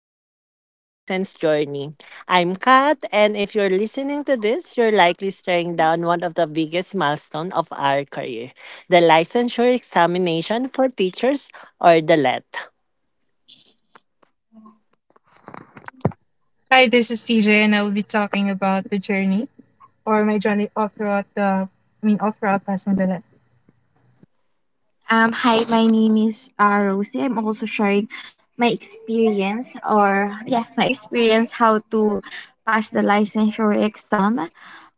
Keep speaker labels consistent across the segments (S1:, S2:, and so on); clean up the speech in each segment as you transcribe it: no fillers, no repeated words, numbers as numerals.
S1: welcome to the License Journey. I'm Kat, and if you're listening to this, you're likely staring down one of the biggest milestones of our career, the licensure examination for teachers, or the LET.
S2: Hi, this is CJ, and I will be talking about the journey or my journey all throughout all throughout Pasig Belen.
S3: Hi, my name is Rosie. I'm also sharing my experience, or yes, my experience how to pass the licensure exam,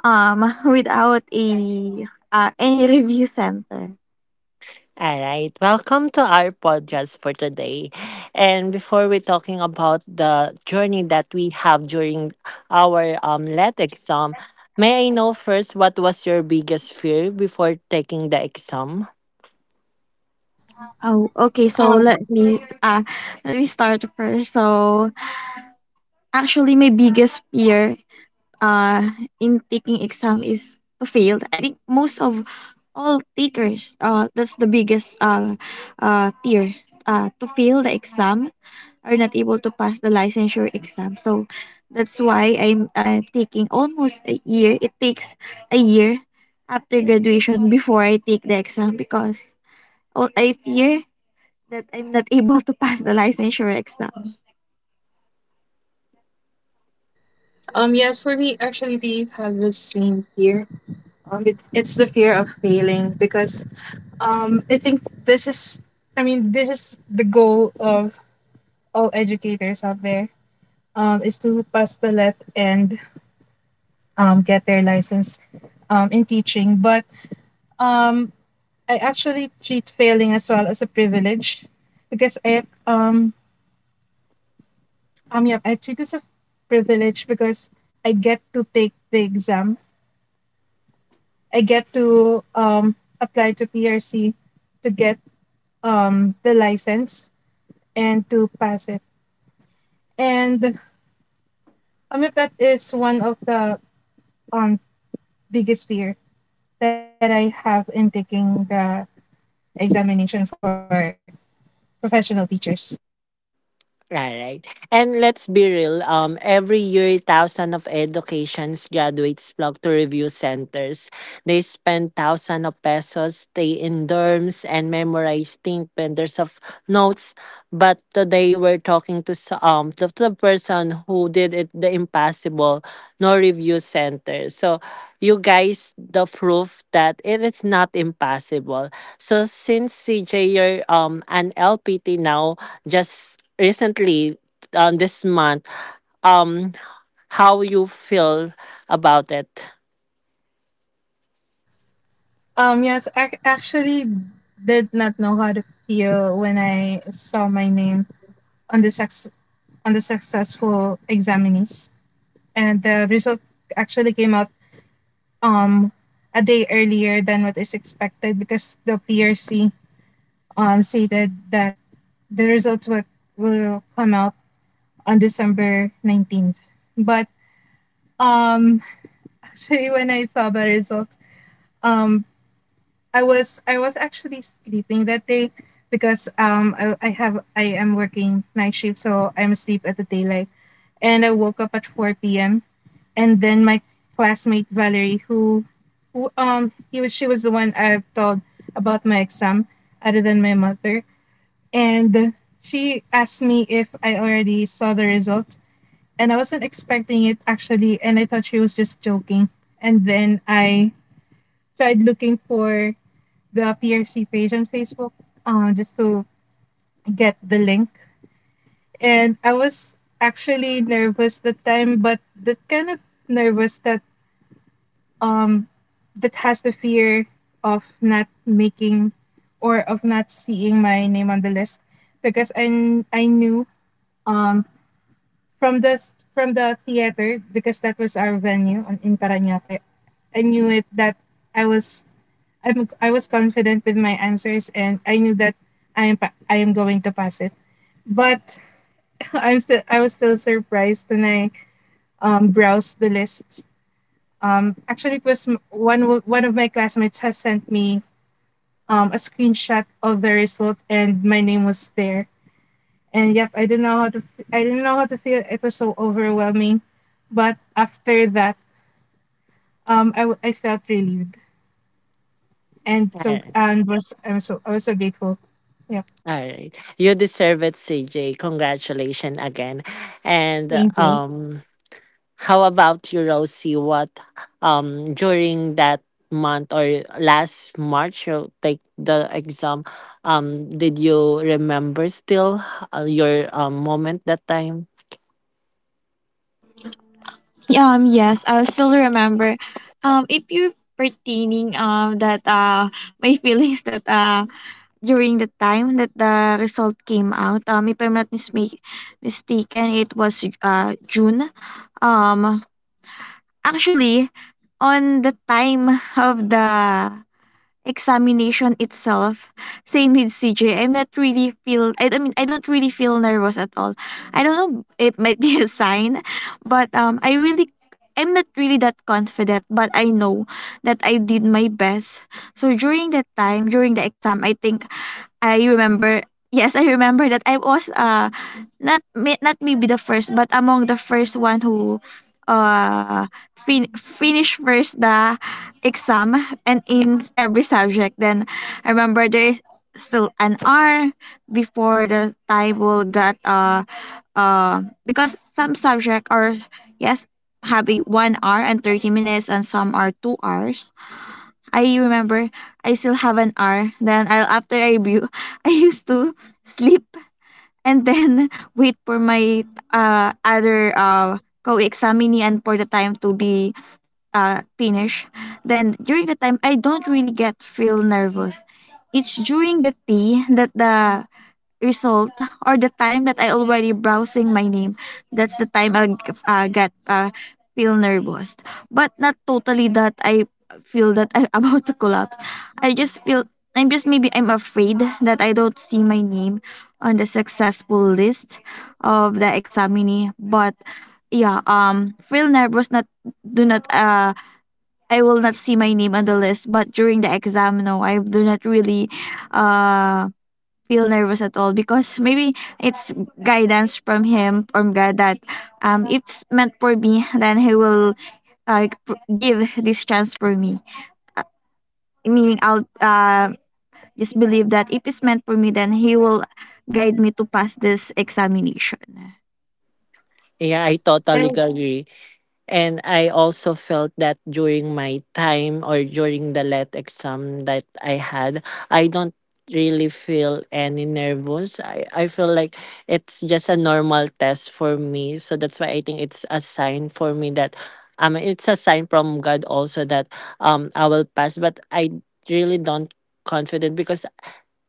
S3: without a any review center.
S1: All right, welcome to our podcast for today. And before we're talking about the journey that we have during our LET exam, may I know first what was your biggest fear before taking the exam?
S3: Oh, okay. So
S2: Um,
S3: let me start first. So actually, my biggest fear uh in taking exam is to fail. I think most of all takers that's the biggest fear to fail the exam are not able to pass the licensure exam. So that's why I'm taking almost a year. It takes a year after graduation before I take the exam because all I fear that I'm not able to pass the licensure exam.
S2: yes, for me, actually, we have the same fear. It's the fear of failing because I think this is the goal of all educators out there. Is to pass the let and get their license, in teaching, but um I actually treat failing as well as a privilege because I treat it as a privilege because I get to take the exam. I get to apply to PRC to get the license and to pass it. And yeah, that is one of the um biggest fear that I have in taking the examination for professional teachers.
S1: All right. And let's be real, every year, thousands of educations graduates flock to review centers. They spend thousands of pesos, stay in dorms, and memorize thin binders of notes. But today we're talking to to the person who did it the impossible, no review center. So you guys the proof that it is not impossible. So since CJ, you're an LPT now, just recently this month, um how you feel about it.
S2: Yes, I actually did not know how to feel when I saw my name on the sex on the successful examinees, and the result actually came out um a day earlier than what is expected because the PRC stated that the results will come out on December 19th. But um actually when I saw the results, um I was actually sleeping that day because I am working night shift, so I'm asleep at the daylight, and I woke up at 4 p.m. And then my classmate Valerie who he was she was the one I've told about my exam other than my mother, and she asked me if I already saw the results, and I wasn't expecting it actually, and I thought she was just joking. And then I tried looking for the PRC page on Facebook, just to get the link. And I was actually nervous that time, but that kind of nervous that um that has the fear of not making or of not seeing my name on the list because I knew um from the theater, because that was our venue on in Parañaque. I knew it that I was I was confident with my answers, and I knew that I am going to pass it. But I was still surprised when I browsed the lists. Actually it was m- one w- one of my classmates has sent me a screenshot of the result and my name was there. And yep, I didn't know how to feel. It was so overwhelming. But after that, I felt relieved and so and was I'm so I was so grateful. Yeah.
S1: All right. You deserve it, CJ. Congratulations again. And
S2: Thank you.
S1: how about you, Rosie? What during that month or last March you take the exam? Did you remember still your moment that time?
S3: Yes, I still remember. If you're pertaining that my feelings that during the time that the result came out, if I'm not mistaken it was June. um Actually, on the time of the examination itself, same with CJ, I'm not really feel, I mean I don't really feel nervous at all. I don't know, it might be a sign, but I really, I'm not really that confident, but I know that I did my best. So during that time during the exam, I think I remember, yes, I remember that I was not may, not maybe the first but among the first one who uh finish first the exam, and in every subject. Then I remember there is still an hour before the table got because some subject are, yes, have a 1 hour and 30 minutes and some are 2 hours. I remember I still have an hour. Then I'll after I view, I used to sleep and then wait for my other co-examinee and for the time to be finished. Then during the time, I don't really get feel nervous. It's during the tea that the result or the time that I already browsing my name, that's the time I got feel nervous. But not totally that I feel that I'm about to collapse. I just feel, I'm just maybe I'm afraid that I don't see my name on the successful list of the examinee. But yeah, feel nervous. Not do not I will not see my name on the list. But during the exam, no, I do not really uh feel nervous at all because maybe it's guidance from him from God that if it's meant for me then he will give this chance for me, uh, meaning I'll just believe that if it's meant for me then he will guide me to pass this examination.
S1: Yeah, I totally
S2: And
S1: agree. And I also felt that during my time or during the let exam that I had, I don't really feel any nervous. I feel like it's just a normal test for me. So that's why I think it's a sign for me that it's a sign from God also that I will pass. But I really don't confident because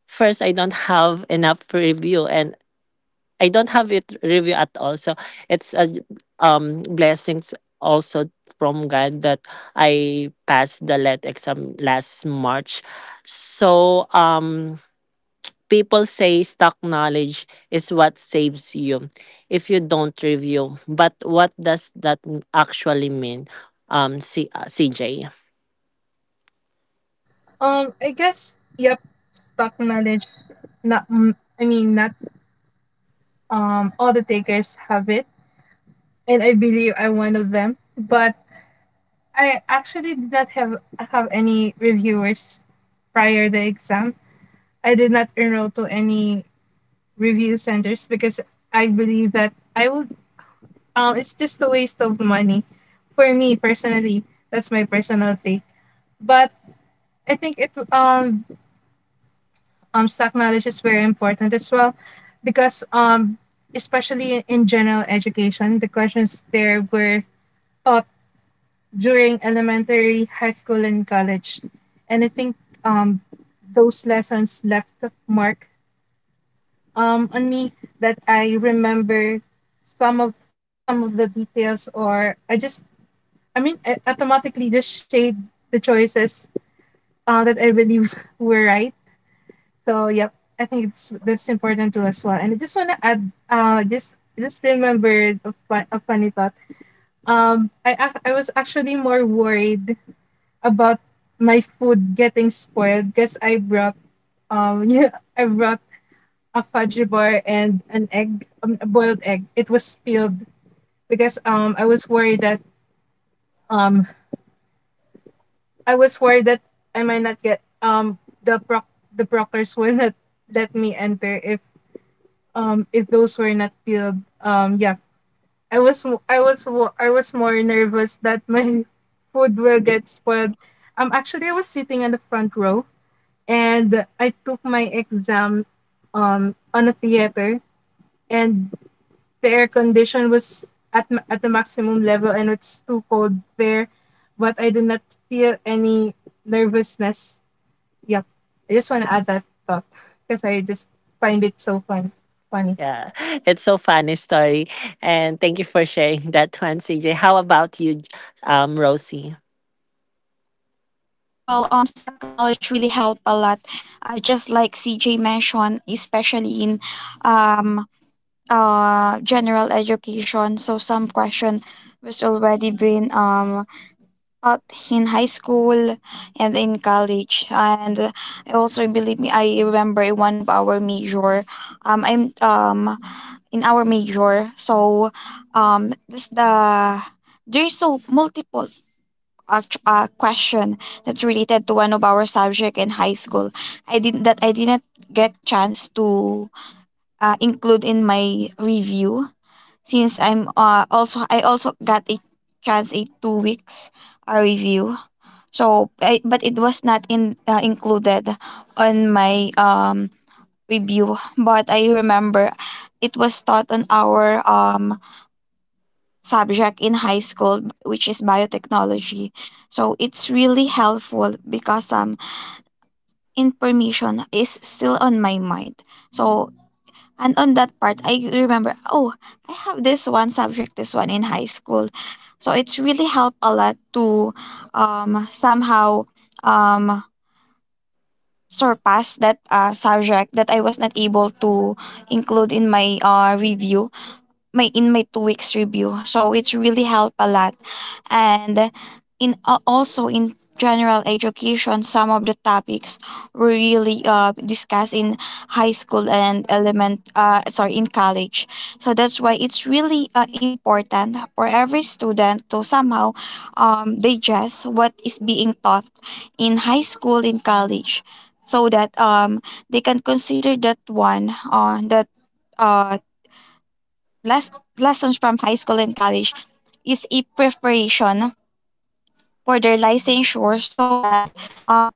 S1: first I don't have enough review and I don't have it review at all. So it's a blessings also from God that I passed the let exam last March. So people say stock knowledge is what saves you if you don't review. But what does that actually mean? CJ.
S2: I guess yep, stock knowledge. Not mm, I mean not all the takers have it, and I believe I'm one of them. But I actually did not have any reviewers prior the exam. I did not enroll to any review centers because I believe that I would it's just a waste of money for me personally. That's my personal take. But I think it stock knowledge is very important as well because especially in general education, the questions there were taught during elementary, high school, and college. And I think um those lessons left a mark on me, that I remember some of some of the details, or I automatically just shade the choices that I believe were right. So yep, I think it's that's important too as well. And I just wanna add, just remembered a funny thought. I was actually more worried about my food getting spoiled because I brought yeah, I brought a fudge bar and an egg, a boiled egg. It was spilled because um I was worried that I might not get the proctors will not let me enter if those were not peeled. Yeah, I was mo- I was wo- I was more nervous that my food will get spoiled. Actually, I was sitting in the front row, and I took my exam on a theater, and the air condition was at the maximum level, and it's too cold there, but I did not feel any nervousness. Yeah, I just want to add that up because I just find it so funny.
S1: Yeah, it's so funny story, and thank you for sharing that one, CJ. How about you, Rosie?
S3: Well, stock knowledge really help a lot. Just like CJ mentioned, especially in um, general education. So some question was already been uh, in high school and in college. And I also believe me, I remember in one of our major, I'm in our major, so this the there's so multiple question that's related to one of our subject in high school. I did that I didn't get chance to include in my review since I'm also I also got a chance a 2 weeks a review. So, I, but it was not in included on my review. But I remember it was taught on our subject in high school, which is biotechnology. So it's really helpful because some information is still on my mind. So and on that part, I remember, oh, I have this one subject, this one in high school. So it's really helped a lot to somehow um surpassed that subject that I was not able to include in my review, my in my 2 weeks review. So it really helped a lot. And in also in general education, some of the topics were really discussed in high school and element sorry, in college. So that's why it's really important for every student to somehow digest what is being taught in high school in college so that they can consider that one that uh, les- lessons from high school and college is a preparation for their licensure, so that um,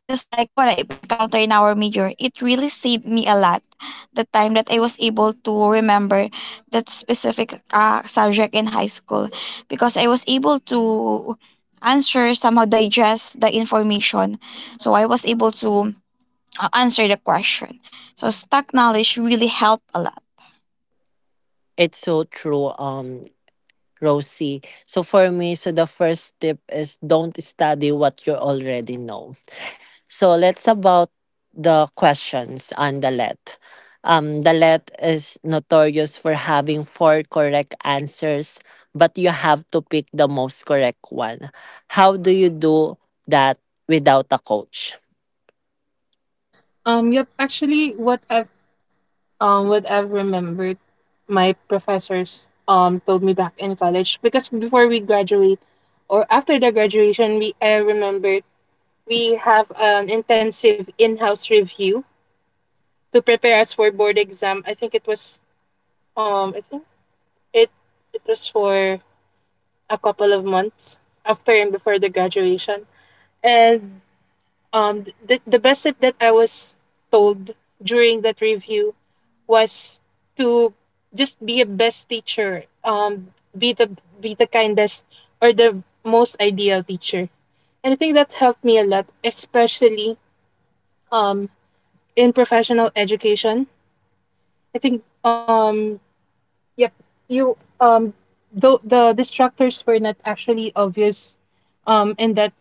S3: just like what I encountered in our major, it really saved me a lot. The time that I was able to remember that specific subject in high school, because I was able to answer somehow digest the information. So I was able to answer the question. So stock knowledge really help a lot.
S1: It's so true. Rosie. So for me, so the first tip is don't study what you already know. So let's about the questions on the let. The let is notorious for having four correct answers, but you have to pick the most correct one. How do you do that without a coach?
S2: Yep. Actually, what I've remembered, my professors told me back in college because before we graduate, or after the graduation, we I remembered we have an intensive in-house review to prepare us for board exam. I think it was I think it it was for a couple of months after and before the graduation. And the best tip that I was told during that review was to just be a best teacher, be the kindest or the most ideal teacher. And I think that helped me a lot, especially um in professional education. I think yep, you though the distractors were not actually obvious in that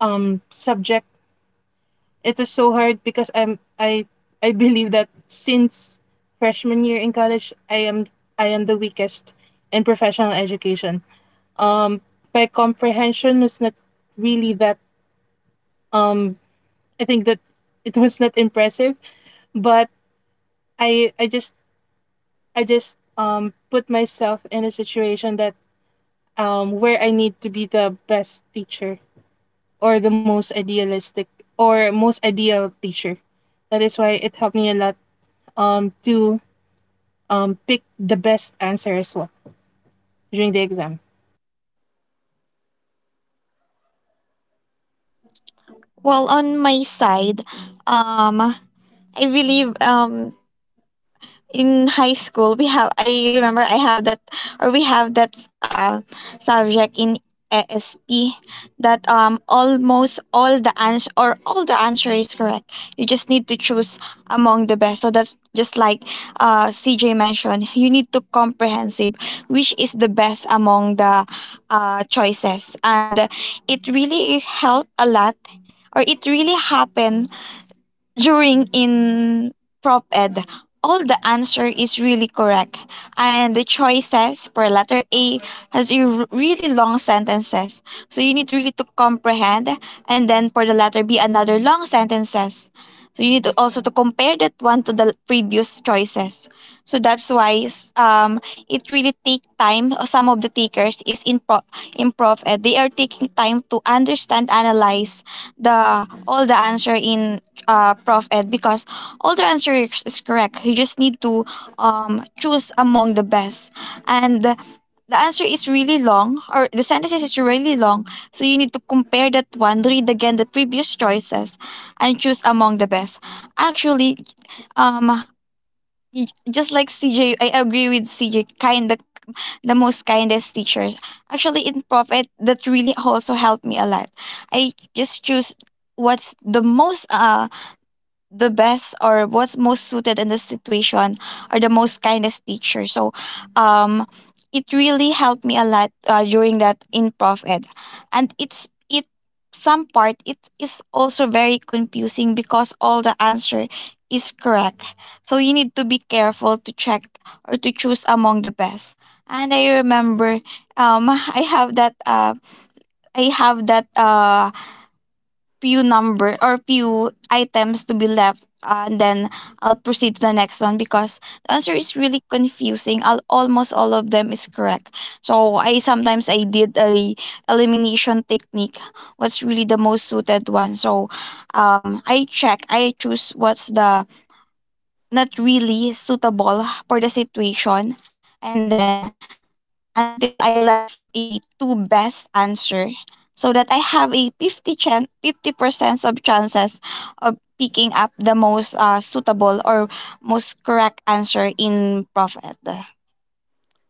S2: subject. It was so hard because I believe that since freshman year in college, I am the weakest in professional education. Um my comprehension was not really that um I think that it was not impressive, but I I just I just put myself in a situation that where I need to be the best teacher, or the most idealistic or most ideal teacher. That is why it helped me a lot to pick the best answer as well during the exam.
S3: Well, on my side, um, I believe in high school we have, I remember I have that or we have that subject in ASP that almost all the answer or all the answer is correct. You just need to choose among the best. So that's just like CJ mentioned, you need to comprehensive which is the best among the choices. And it really helped a lot, or it really happened during in prop ed, all the answer is really correct. And the choices for letter A has really long sentences. So you need really to comprehend. And then for the letter B, another long sentences. So you need to also to compare that one to the previous choices. So that's why it really take time. Some of the takers is in prof ed. They are taking time to understand, analyze the all the answer in Prof. Ed, because all the answer is correct. You just need to choose among the best. And the answer is really long, or the sentences is really long. So you need to compare that one, read again the previous choices, and choose among the best. Actually, um, just like CJ, I agree with CJ, kind the most kindest teachers. Actually, in Prof Ed, that really also helped me a lot. I just choose what's the most the best or what's most suited in the situation are the most kindest teacher. So, um, it really helped me a lot during that improv ed, and it's it some part it is also very confusing because all the answer is correct. So you need to be careful to check or to choose among the best. And I remember, um, I have that uh, I have that few number or few items to be left and then I'll proceed to the next one because the answer is really confusing. Al almost all of them is correct. So I sometimes I did a elimination technique. What's really the most suited one? So I check I choose what's the not really suitable for the situation, and then until I left a two best answer so that I have 50% of chances of picking up the most suitable or most correct answer in profit.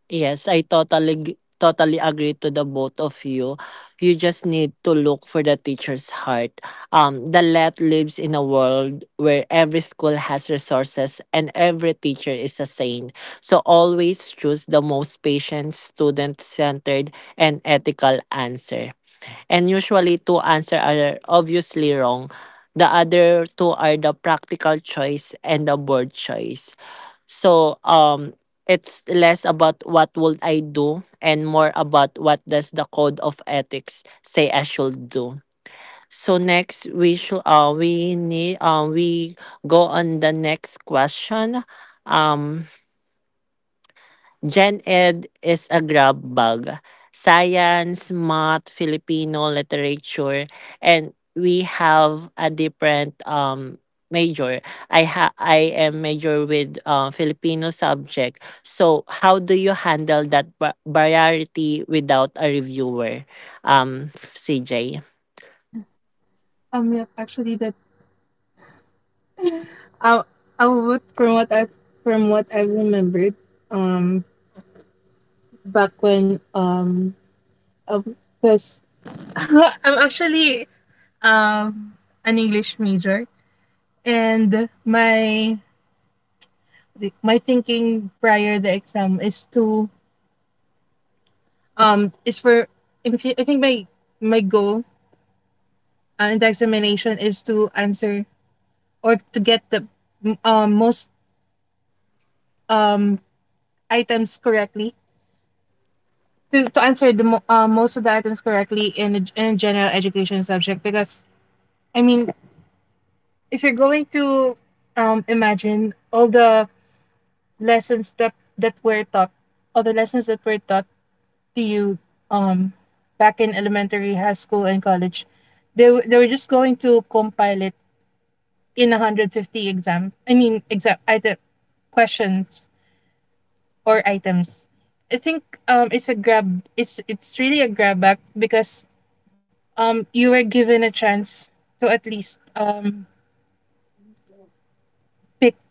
S1: Yes, I totally g totally agree to the both of you. You just need to look for the teacher's heart. The Let lives in a world where every school has resources and every teacher is a saint. So always choose the most patient, student-centered, and ethical answer. And usually two answers are obviously wrong. The other two are the practical choice and the board choice. So, it's less about what would I do and more about what does the code of ethics say I should do. So next we should we need we go on the next question. Um Gen Ed is a grab bag. Science, math, Filipino literature, and we have a different major. I am major with Filipino subject. So how do you handle that variety without a reviewer? CJ.
S2: Yeah, actually, I, I would, from what I, remembered, um, back when because I'm actually um an English major, and my thinking prior the exam is to is for if you- I think my goal, in the examination, is to answer or to get the most um items correctly, to answer most of the items correctly in a general education subject. Because I mean, if you're going to imagine all the lessons that that were taught all the lessons that were taught to you um back in elementary, high school, and college, they, they were just going to compile it in 150 exam I mean exam item questions or items. I think it's really a grab back because you were given a chance to at least pick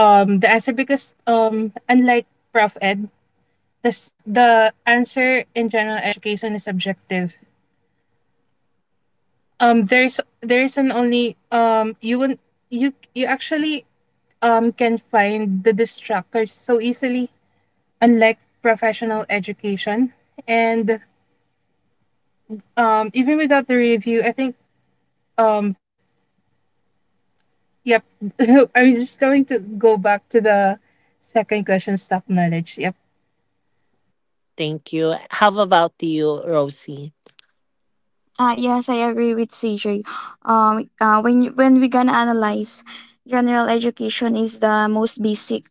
S2: the answer, because unlike prof ed, this, the answer in general education is subjective. There's an only, you won't, you actually can find the distractors so easily, unlike professional education. And even without the review, I think um yep, I'm just going to go back to the second question, stock knowledge, yep.
S1: Thank you. How about you, Rosie?
S3: Yes, I agree with CJ. When when we gonna analyze, general education is the most basic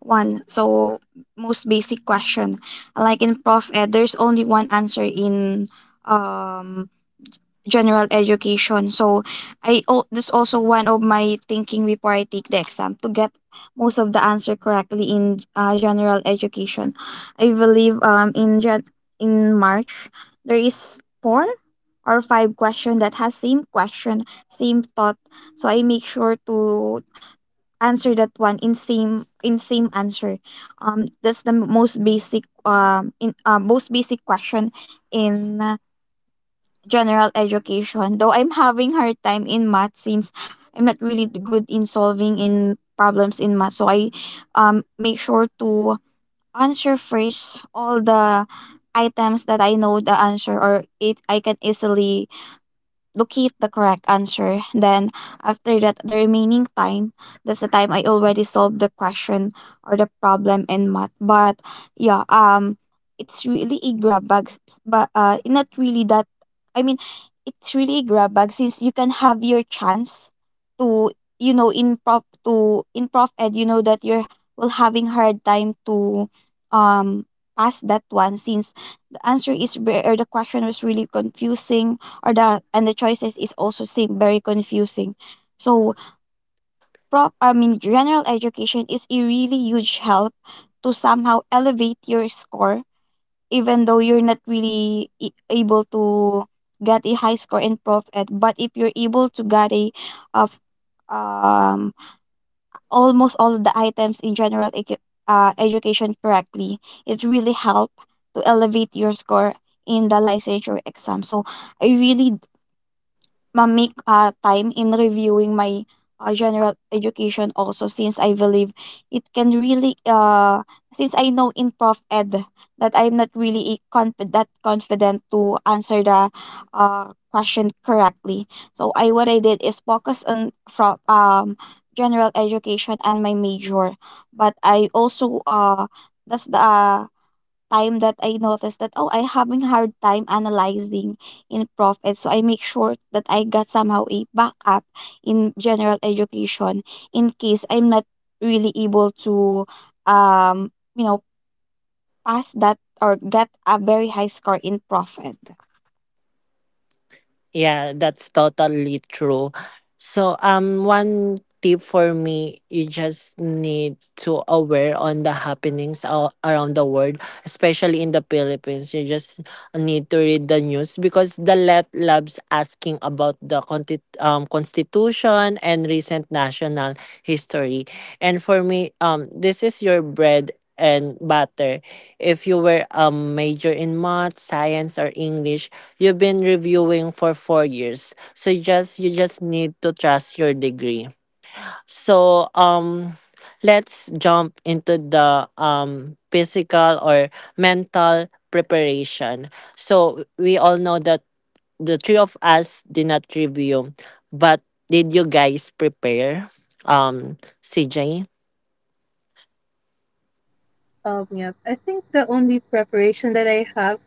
S3: one. So most basic question. Like in Prof Ed, there's only one answer in um general education. So I, oh, that's also one of my thinking before I take the exam to get most of the answer correctly in general education. I believe in March there is 4 or 5 question that has same question, same thought. So I make sure to answer that one in same answer. That's the most basic in most basic question in general education. Though I'm having hard time in math since I'm not really good in solving in problems in math. So I make sure to answer first all the items that I know the answer or it I can easily locate the correct answer. Then, after that, the remaining time, that's the time I already solved the question or the problem in math. But yeah, it's really a grab bag, but not really that. I mean, it's really a grab bag since you can have your chance to, you know, in prop to in prof ed, you know that you're will having hard time to um pass that one since the answer is the question was really confusing or the and the choices is also seem very confusing. So prop I mean general education is a really huge help to somehow elevate your score even though you're not really able to get a high score in prof ed, but if you're able to get a of um almost all of the items in general education correctly, it really help to elevate your score in the licensure exam. So I really my time in reviewing my general education also, since I believe it can really since I know in prof ed that I'm not really confident to answer the question correctly. So I what I did is focus on from general education and my major, but I also that's the time that I noticed that oh, I having hard time analyzing in profit, so I make sure that I got somehow a backup in general education in case I'm not really able to, um you know pass that or get a very high score in profit.
S1: Yeah, that's totally true. So, one tip for me, you just need to aware on the happenings around the world, especially in the Philippines. You just need to read the news because the let labs asking about the constitution and recent national history. And for me, this is your bread and butter. If you were a major in math, science, or English, you've been reviewing for 4 years. So you just need to trust your degree. So let's jump into the physical or mental preparation. So we all know that the three of us did not review, but did you guys prepare? CJ.
S2: Yep, I think the only preparation that I have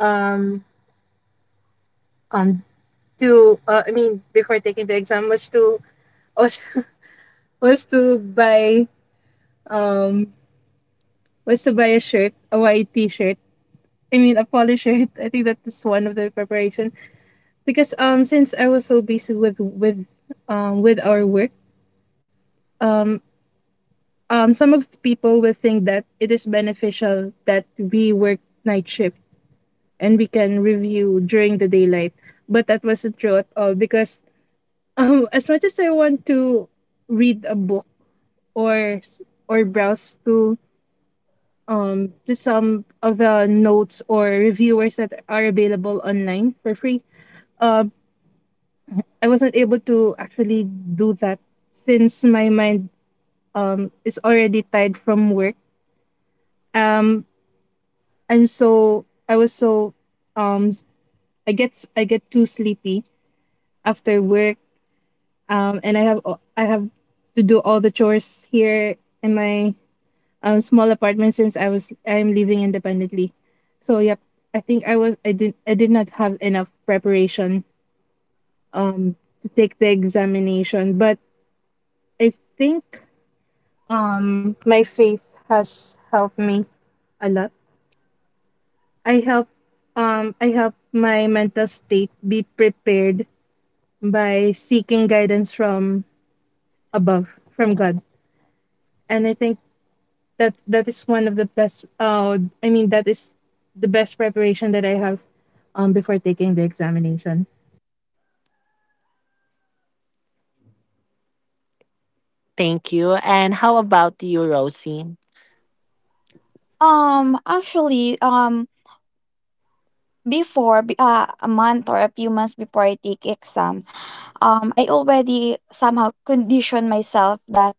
S2: um um to I mean before taking the exam was to was, was to buy um was to buy a shirt, a white t-shirt, a polo shirt. I think that is one of the preparation, because since I was so busy with with our work. um some of the people will think that it is beneficial that we work night shift and we can review during the daylight. But that wasn't true at all, because as much as I want to read a book or or browse to some of the notes or reviewers that are available online for free, um, I wasn't able to actually do that since my mind is already tired from work. Um, I was so um s- I get too sleepy after work, and I have to do all the chores here in my small apartment, since I am living independently. So yep, I think I did not have enough preparation um to take the examination. But I think my faith has helped me a lot. I help I help my mental state be prepared by seeking guidance from above, from God. And I think that that is one of the best, that is the best preparation that I have before taking the examination.
S1: Thank you. And how about you, Rosie?
S3: Actually, before, a month or a few months before I take exam, I already somehow conditioned myself that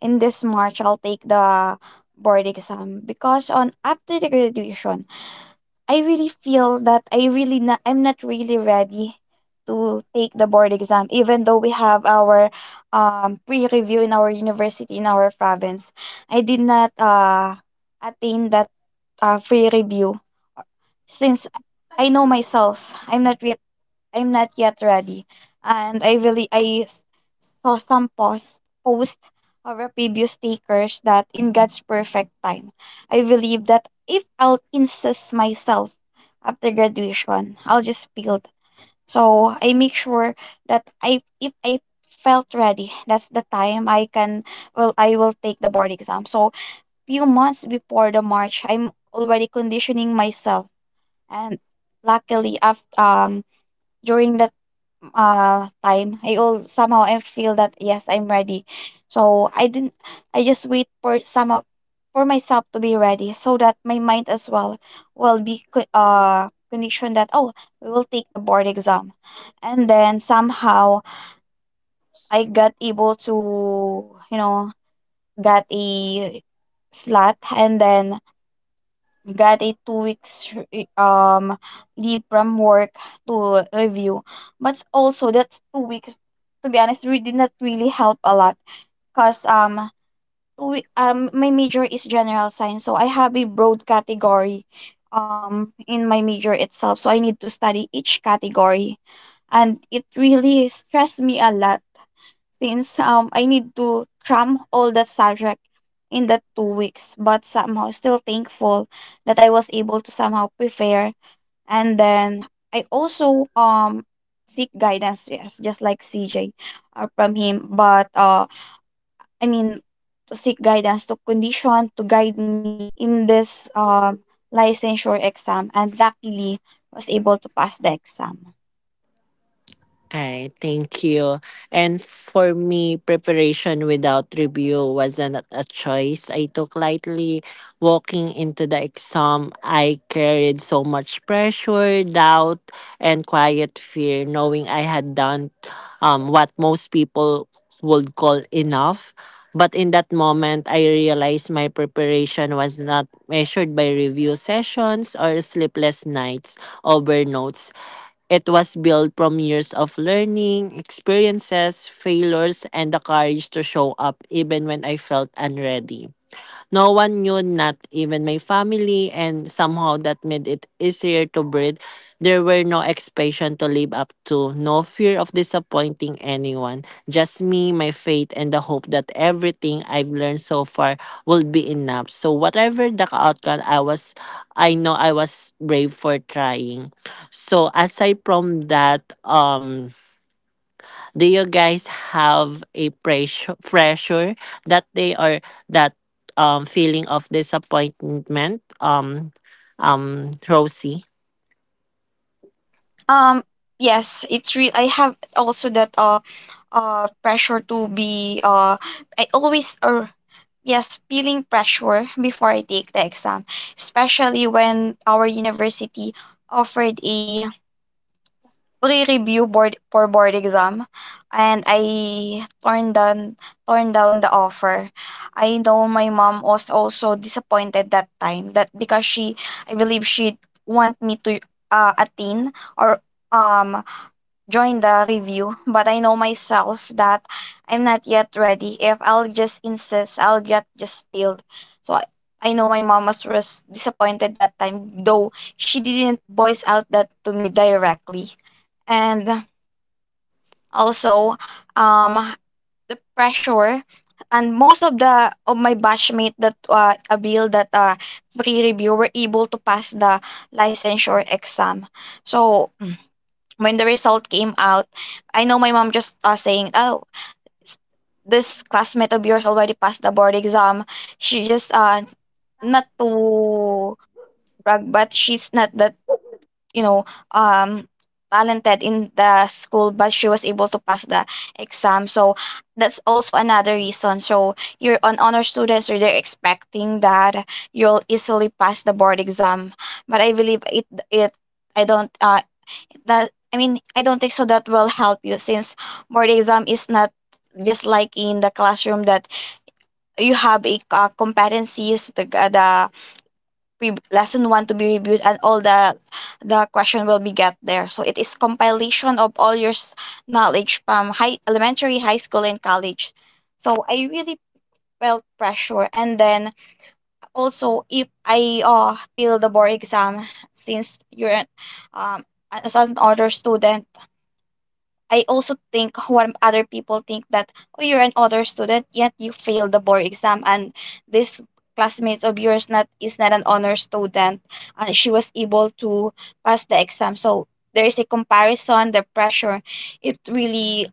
S3: in this March I'll take the board exam, because on after the graduation I really feel that I really not, I'm not really ready to take the board exam, even though we have our pre-review in our university in our province. I did not attain that pre review since I know myself I'm not re- I'm not yet ready. And I really I saw some post or previous takers that in God's perfect time. I believe that if I'll insist myself after graduation, I'll just build. So I make sure that I if I felt ready, that's the time I can, well, I will take the board exam. So few months before the March, I'm already conditioning myself, and luckily after during that time I all somehow I feel that yes, I'm ready. So I didn't, I just wait for some of for myself to be ready so that my mind as well will be conditioned that oh, we will take the board exam. And then somehow I got able to, you know, got a slot, and then got a 2 weeks leave from work to review. But also that's 2 weeks, to be honest, did not really help a lot because my major is general science, so I have a broad category in my major itself, so I need to study each category, and it really stressed me a lot since I need to cram all that subject in that 2 weeks. But somehow still thankful that I was able to somehow prepare. And then I also seek guidance, yes, just like CJ, from him. But I mean to seek guidance, to condition, to guide me in this licensure exam, and luckily was able to pass the exam.
S1: All right, thank you. And for me, preparation without review wasn't a choice I took lightly. Walking into the exam, I carried so much pressure, doubt, and quiet fear, knowing I had done what most people would call enough. But in that moment, I realized my preparation was not measured by review sessions or sleepless nights over notes. It was built from years of learning, experiences, failures, and the courage to show up even when I felt unready. No one knew, not even my family, and somehow that made it easier to breathe. There were no expectations to live up to, no fear of disappointing anyone, just me, my faith, and the hope that everything I've learned so far will be enough. So whatever the outcome, I know I was brave for trying. So aside from that, do you guys have a pressure that they are that feeling of disappointment, Rosie?
S3: Um, yes, it's real. I have also that pressure to be, I always, or yes, feeling pressure before I take the exam, especially when our university offered a pre-review board for board exam, and I turned down the offer. I know my mom was also disappointed that time, that because she, I believe she want me to attain or um join the review, but I know myself that I'm not yet ready. If I'll just insist, I'll get just spilled. So I know my mom was disappointed that time, though she didn't voice out that to me directly. And also, um, the pressure, and most of the of my batchmate that a bill that pre-review were able to pass the licensure exam. So when the result came out, I know my mom just saying, "Oh, this classmate of yours already passed the board exam. She just not to brag, but she's not that, you know um talented in the school, but she was able to pass the exam. So that's also another reason. So you're an honor students, so they're expecting that you'll easily pass the board exam. But I believe it I don't that I mean I don't think so that will help you, since board exam is not just like in the classroom that you have a competencies the lesson one to be reviewed, and all the question will be get there. So it is compilation of all your knowledge from high elementary high school and college. So I really felt pressure, and then also if I feel the board exam, since um, as an honor student, I also think what other people think, that oh, you're an other student yet you failed the board exam, and this classmates of yours not is not an honor student, and she was able to pass the exam. So there is a comparison, the pressure. It really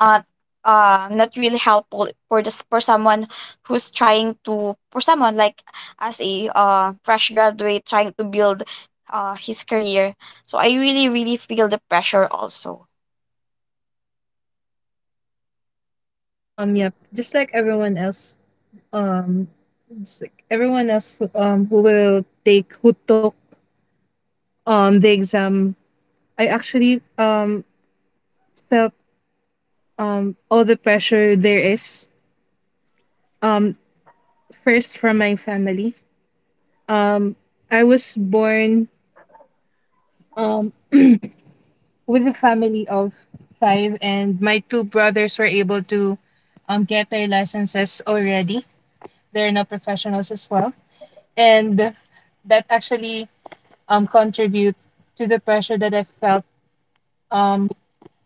S3: uh, not really helpful for this for someone who's trying to, for someone like as a fresh graduate trying to build his career. So I really really feel the pressure also.
S2: Yep, um just like everyone else who will take, who took the exam, I actually felt all the pressure there is. um First, from my family. Um, I was born um, with a family of five, and my two brothers were able to get their licenses already. They're now professionals as well. And that actually contribute to the pressure that I felt um,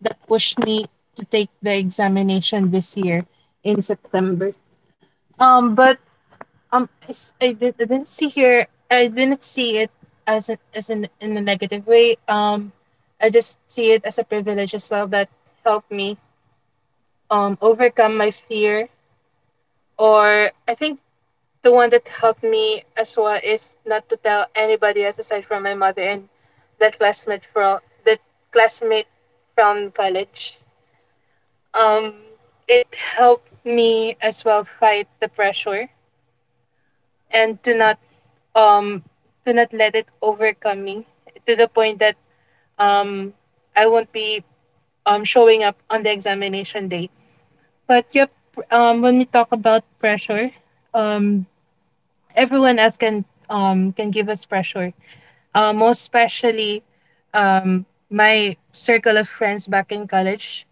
S2: that pushed me to take the examination this year in September. But I, s- I did, I didn't see here. I didn't see it as an in a negative way. I just see it as a privilege as well that helped me overcome my fear. Or I think the one that helped me as well is not to tell anybody else aside from my mother and that classmate from college. Um, it helped me as well fight the pressure and um to not let it overcome me to the point that um I won't be showing up on the examination date. But yep, when we talk about pressure, um everyone else can give us pressure. Most especially my circle of friends back in college.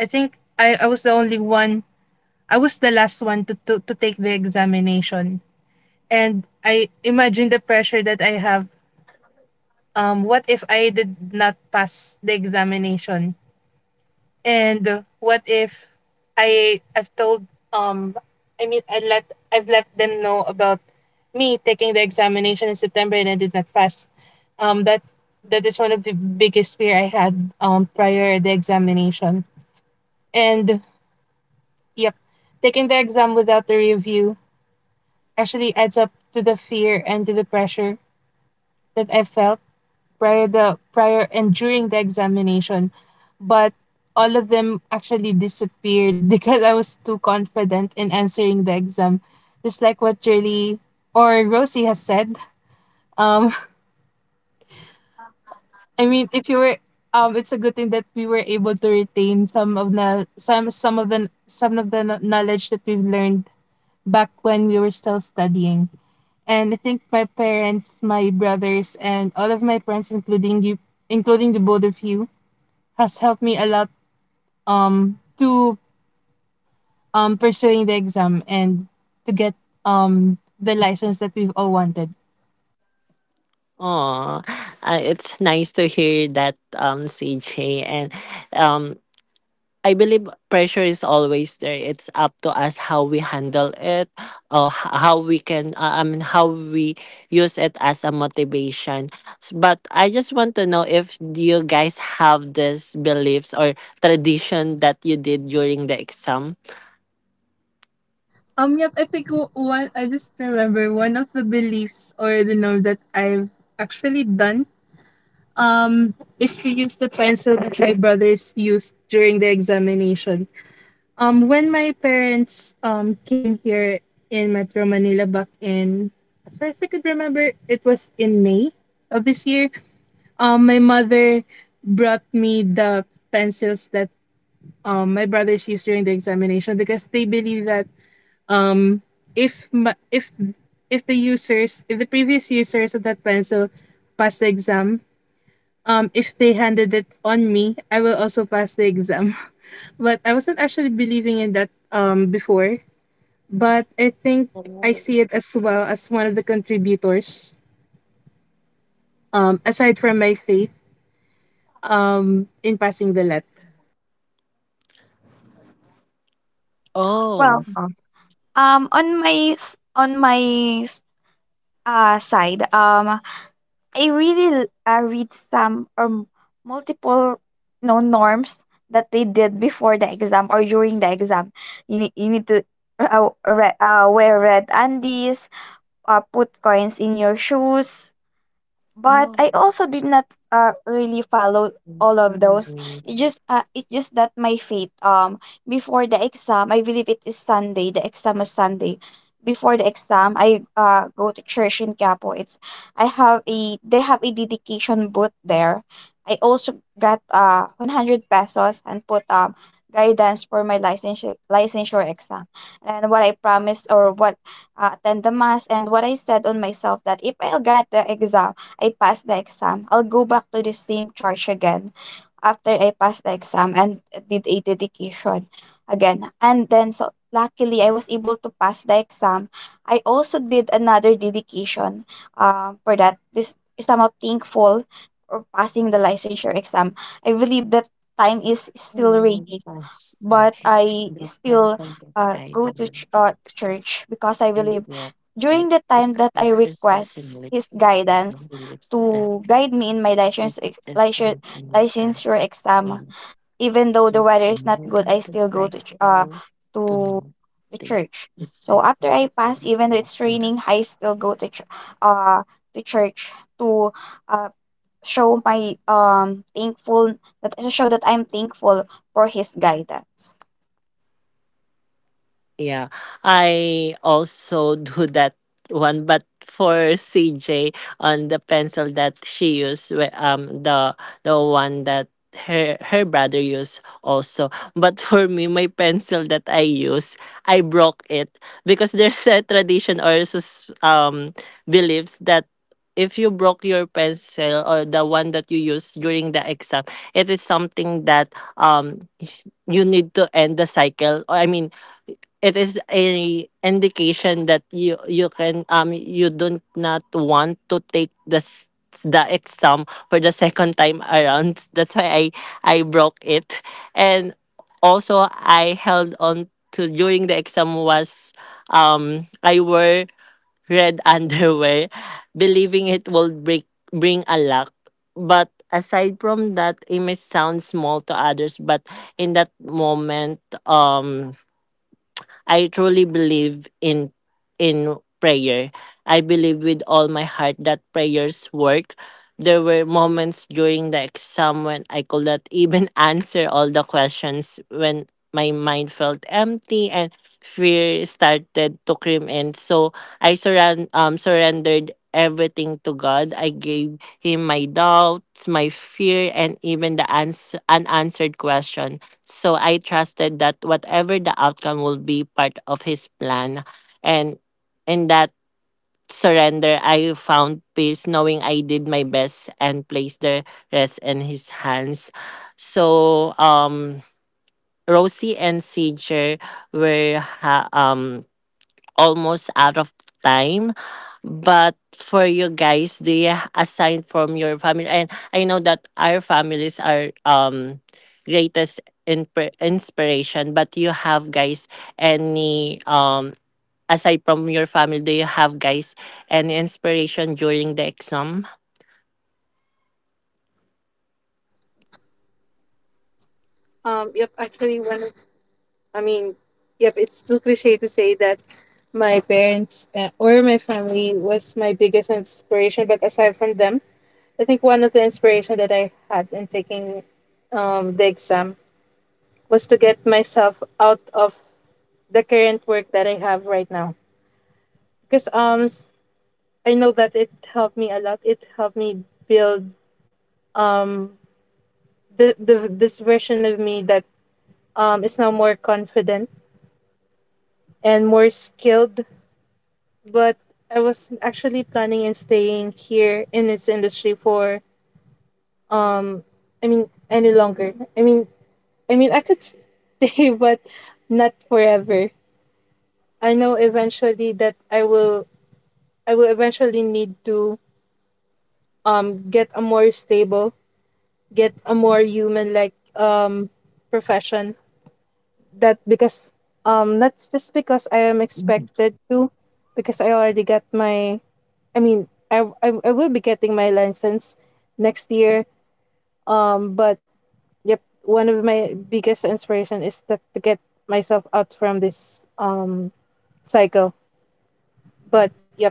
S2: I think I was the only one. I was the last one to, to take the examination. And I imagine the pressure that I have, what if I did not pass the examination? And what if I I've told um I mean I let I've let them know about me taking the examination in September and I did not pass. That that is one of the biggest fear I had prior the examination. And yep, taking the exam without the review actually adds up to the fear and to the pressure that I felt prior and during the examination, but all of them actually disappeared because I was too confident in answering the exam. Just like what Julie or Rosie has said. Um, I mean, if you were, it's a good thing that we were able to retain some of the kno- knowledge that we've learned back when we were still studying. And I think my parents, my brothers, and all of my friends, including you, including the both of you, has helped me a lot to pursuing the exam and to get the license that we've all wanted.
S1: Oh, it's nice to hear that, CJ. And um, I believe pressure is always there. It's up to us how we handle it, or h- how we can, I mean, how we use it as a motivation. But I just want to know if you guys have this beliefs or tradition that you did during the exam.
S2: Yep, I think I just remember one of the beliefs or, the know, that I've actually done, is to use the pencil that my brothers used during the examination. When my parents came here in Metro Manila back in, as far as I could remember, it was in May of this year. My mother brought me the pencils that my brothers used during the examination because they believe that um if ma- if if the users if the previous users of that pencil pass the exam, if they handed it on me, I will also pass the exam. But I wasn't actually believing in that before. But I think I see it as well as one of the contributors, aside from my faith, in passing the let.
S1: Oh,
S3: Well, on on my s- side, I really read some multiple no norms that they did before the exam or during the exam. You need to wear red undies, put coins in your shoes,
S1: I
S3: but I
S1: also
S3: also did not really follow all of those.
S1: inform
S3: It just that my fate. Before the exam, I believe it is Sunday. The exam was Sunday. Before the exam, I go to church in Capo. It's I have a, they have a dedication booth there. I also got 100 pesos and put guidance for my licensure exam. And what I promised, or what, attend the mass, and what I said on myself, that if I'll get the exam, I pass the exam, I'll go back to the same church again after I pass the exam and did a dedication again. And then, so luckily, I was able to pass the exam. I also did another dedication for that. This is somehow thankful for passing the licensure exam. I believe that time is still raining, but I
S1: the
S3: still
S1: pencil that I
S3: go to
S1: use.
S3: church, because I
S1: I
S3: believe
S1: love
S3: during
S1: it
S3: the time that I
S1: because there's something
S3: request His
S1: lives
S3: guidance
S1: on the lips that
S3: to guide me in my
S1: it is something that
S3: licensure exam,
S1: um
S3: even though the
S1: to
S3: weather is not good,
S1: another
S3: I
S1: the
S3: still go to
S1: cycle to
S3: to
S1: know
S3: the
S1: the
S3: church. So after
S1: cycle.
S3: I pass, even though it's raining, I still go to uh to church to uh show my thankful that to show that I'm thankful for His guidance.
S1: Yeah. I also do that one, but for CJ on the pencil that she used, the one that her brother used also. But for me, my pencil that I use, I broke it because there's a tradition or beliefs that if you broke your pencil or the one that you use during the exam, it is something that you need to end the cycle. Or I mean, it is a indication that you don't not want to take the the exam for the second time around, that's why I broke it. And also I held on to during the exam was I wore red underwear believing it will break bring a luck. But aside from that, it may sound small to others, but in that moment, um I truly believe in prayer. I believe with all my heart that prayers work. There were moments during the exam when I could not even answer all the questions, when my mind felt empty and fear started to creep in. So I surrendered everything to God. I gave him my doubts, my fear, and even the unanswered question. So I trusted that whatever the outcome will be part of his plan. And in that surrender, I found peace knowing I did my best and placed the rest in his hands. So, Rosie and Sager were almost out of time. But for you guys, do you assign from your family? And I know that our families are greatest in- inspiration. But you have guys any aside from your family, do you have guys any inspiration during the exam?
S2: Yep, actually, one of, I mean, yep, it's too cliche to say that my parents or my family was my biggest inspiration, but aside from them, I think one of the inspiration that I had in taking the exam was to get myself out of the current work that I have right now. Because I know that it helped me a lot. It helped me build um, the this version of me that is now more confident and more skilled, but I was actually planning on staying here in this industry for um any longer. I could stay but not forever. I know eventually that I will eventually need to get a more stable, get a more human like profession that because not just because I am expected to, because I already got my, I mean I will be getting my license next year, but yep, one of my biggest inspiration is that to get myself out from this cycle. But yep,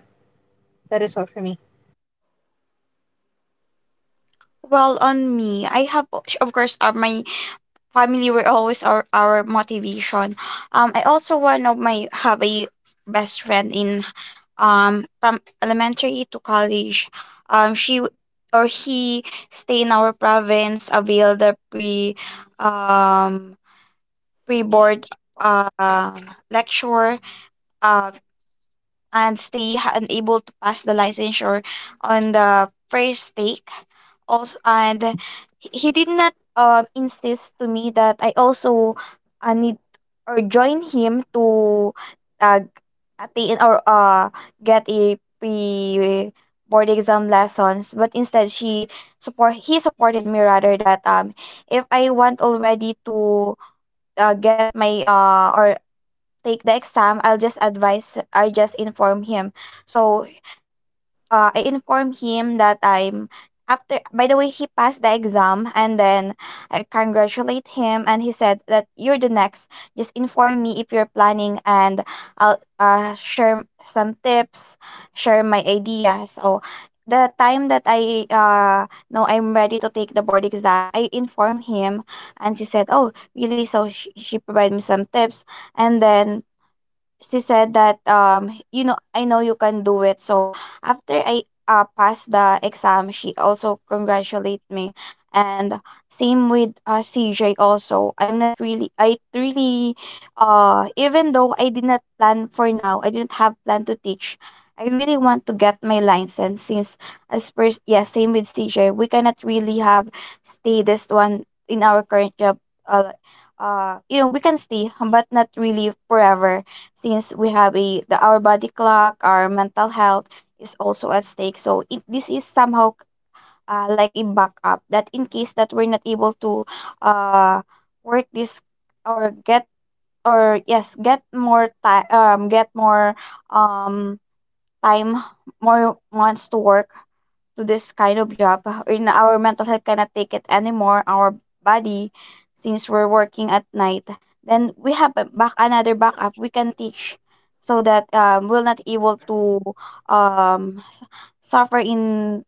S2: that is all for me.
S3: Well, on me, I have, of course, my family were always our motivation. I also one of my have a best friend in, from elementary to college. She or he stay in our province, avail um, pre board, uh, lecture. Uh, and stay unable to pass the licensure on the first take. Also, and he did not insist to me that I also need or join him to uh, attain or get a pre board exam lessons, but instead she support he supported me rather, that if I want already to get my or take the exam, I'll just advise I just inform him. So I inform him that I'm, after, by the way, he passed the exam, and then I congratulate him, and he said that you're the next, just inform me if you're planning, and I'll share some tips, share my ideas. So the time that I know I'm ready to take the board exam, I inform him, and she said oh really. So she provided me some tips, and then she said that, you know, I know you can do it. So after I passed the exam, she also congratulate me. And same with CJ also. I'm not really I really even though I did not plan for now, I didn't have plan to teach. I really want to get my license, since as per yeah, same with CJ, we cannot really have stay this one in our current job. uh, you know, we can stay but not really forever, since we have our body clock, our mental health is also at stake. So this is somehow like a backup, that in case that we're not able to uh, work this, or get, or yes, get more time, get more um, time, more months to work to this kind of job. In our mental health cannot take it anymore, our body, since we're working at night, then we have a back another backup, we can teach, so that we'll not able to um, s- suffer in,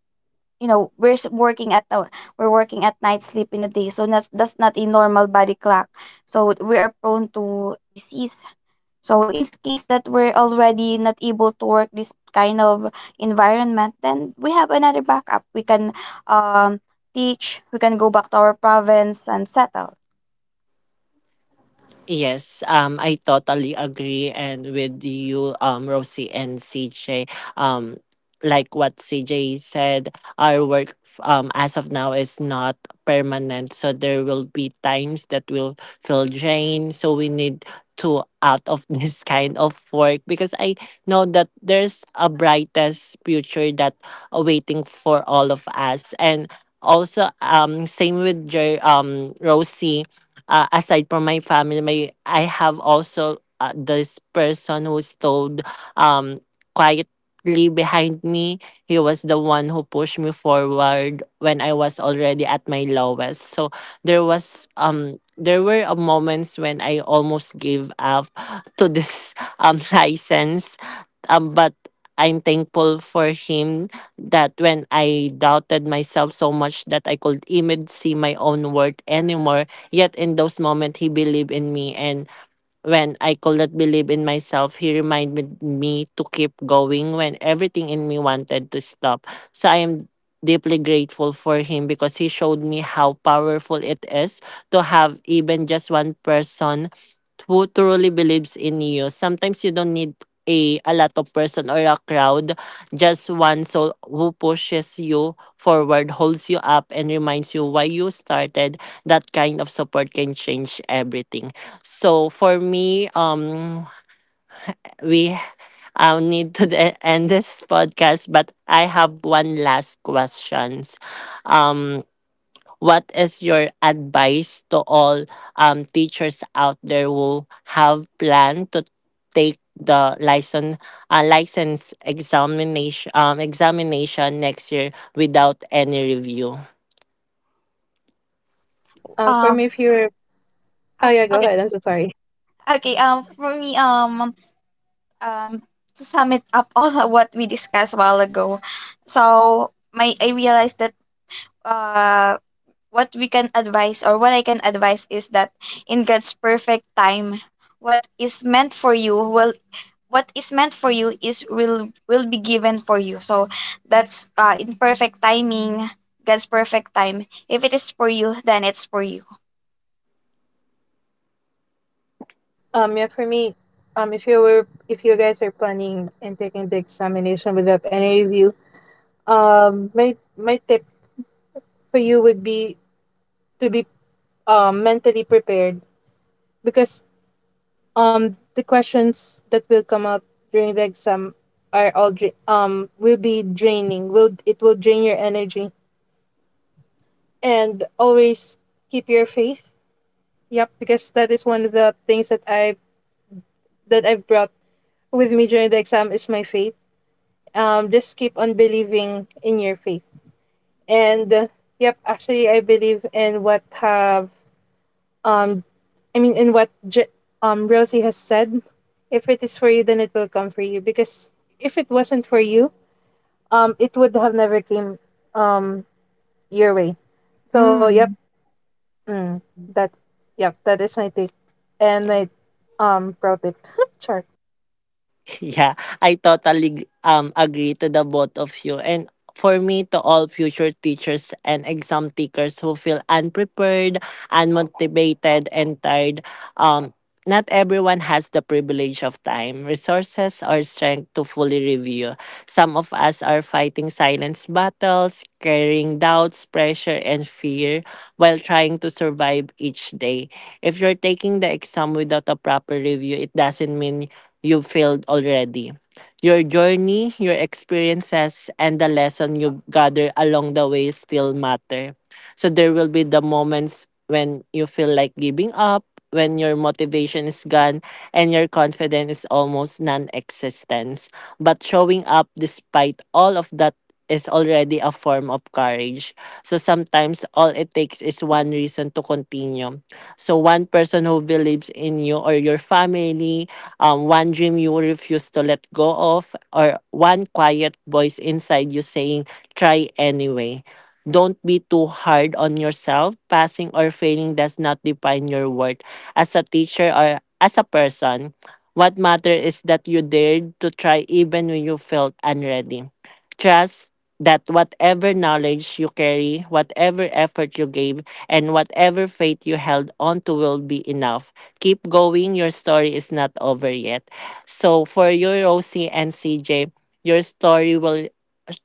S3: you know, we're working at night, sleep in the day. So that's not a normal body clock, so we are prone to disease. So in case that we're already not able to work this kind of environment, then we have another backup, we can um teach, we can go back to our province and settle.
S1: Yes, I totally agree and with you, Rosie and CJ. Um, like what CJ said, our work as of now is not permanent, so there will be times that will feel drained. So we need to out of this kind of work because I know that there's a brightest future that awaiting for all of us. And also, same with your Rosie, aside from my family, my I have also this person who stole um quietly behind me. He was the one who pushed me forward when I was already at my lowest. So there was there were moments when I almost gave up to this license, but. I'm thankful for him that when I doubted myself so much that I could even see my own worth anymore. Yet in those moments, he believed in me, and when I could not believe in myself, he reminded me to keep going when everything in me wanted to stop. So I am deeply grateful for him because he showed me how powerful it is to have even just one person who truly believes in you. Sometimes you don't need a lot of person or a crowd, just one soul who pushes you forward, holds you up, and reminds you why you started. That kind of support can change everything. So for me, we I need to end this podcast, but I have one last questions. Um, what is your advice to all teachers out there who have planned to take the license examination examination next year without any review?
S2: For
S3: um
S2: me if you're Oh yeah, go
S3: okay,
S2: ahead, I'm so sorry.
S3: okay, for me, um to sum it up all of what we discussed a while ago, so my I realized that uh what we can advise or what I can advise is that in God's perfect time, what is meant for you will what is meant for you is will be given for you. So that's in perfect timing, God's perfect time. If it is for you, then it's for you.
S2: Yeah, for me, if you were if you guys are planning and taking the examination without any review, my tip for you would be to be mentally prepared, because the questions that will come up during the exam are will be draining, will it will drain your energy. And always keep your faith, yep, because that is one of the things that I've brought with me during the exam is my faith. Just keep on believing in your faith. And yep, actually I believe in what have, um in what Rosie has said, if it is for you then it will come for you, because if it wasn't for you, it would have never came um your way. So yep,
S3: Mm.
S2: mm, that yep, that is my take and my pro tip. Sure.
S1: Yeah, I totally agree to the both of you. And for me, to all future teachers and exam takers who feel unprepared, unmotivated, and tired, um, not everyone has the privilege of time, resources, or strength to fully review. Some of us are fighting silence battles, carrying doubts, pressure, and fear while trying to survive each day. If you're taking the exam without a proper review, it doesn't mean you've failed already. Your journey, your experiences, and the lesson you gather along the way still matter. So there will be the moments when you feel like giving up, when your motivation is gone, and your confidence is almost non existence. But showing up despite all of that is already a form of courage. So sometimes all it takes is one reason to continue. So one person who believes in you or your family, one dream you refuse to let go of, or one quiet voice inside you saying, try anyway. Don't be too hard on yourself. Passing or failing does not define your worth. As a teacher or as a person, what matters is that you dared to try even when you felt unready. Trust that whatever knowledge you carry, whatever effort you gave, and whatever faith you held on to will be enough. Keep going. Your story is not over yet. So for you, Rosie and CJ, your story will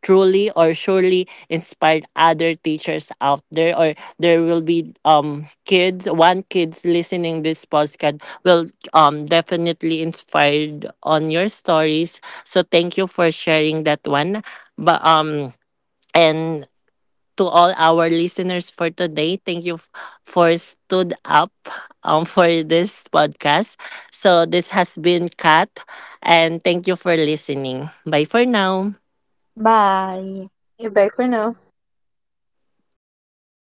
S1: truly or surely inspire other teachers out there, or there will be kids one kids listening this podcast will definitely inspired on your stories. So thank you for sharing that one. But and to all our listeners for today, thank you for stood up for this podcast. So this has been Kat, and thank you for listening. Bye for now.
S3: Bye.
S2: Back for now.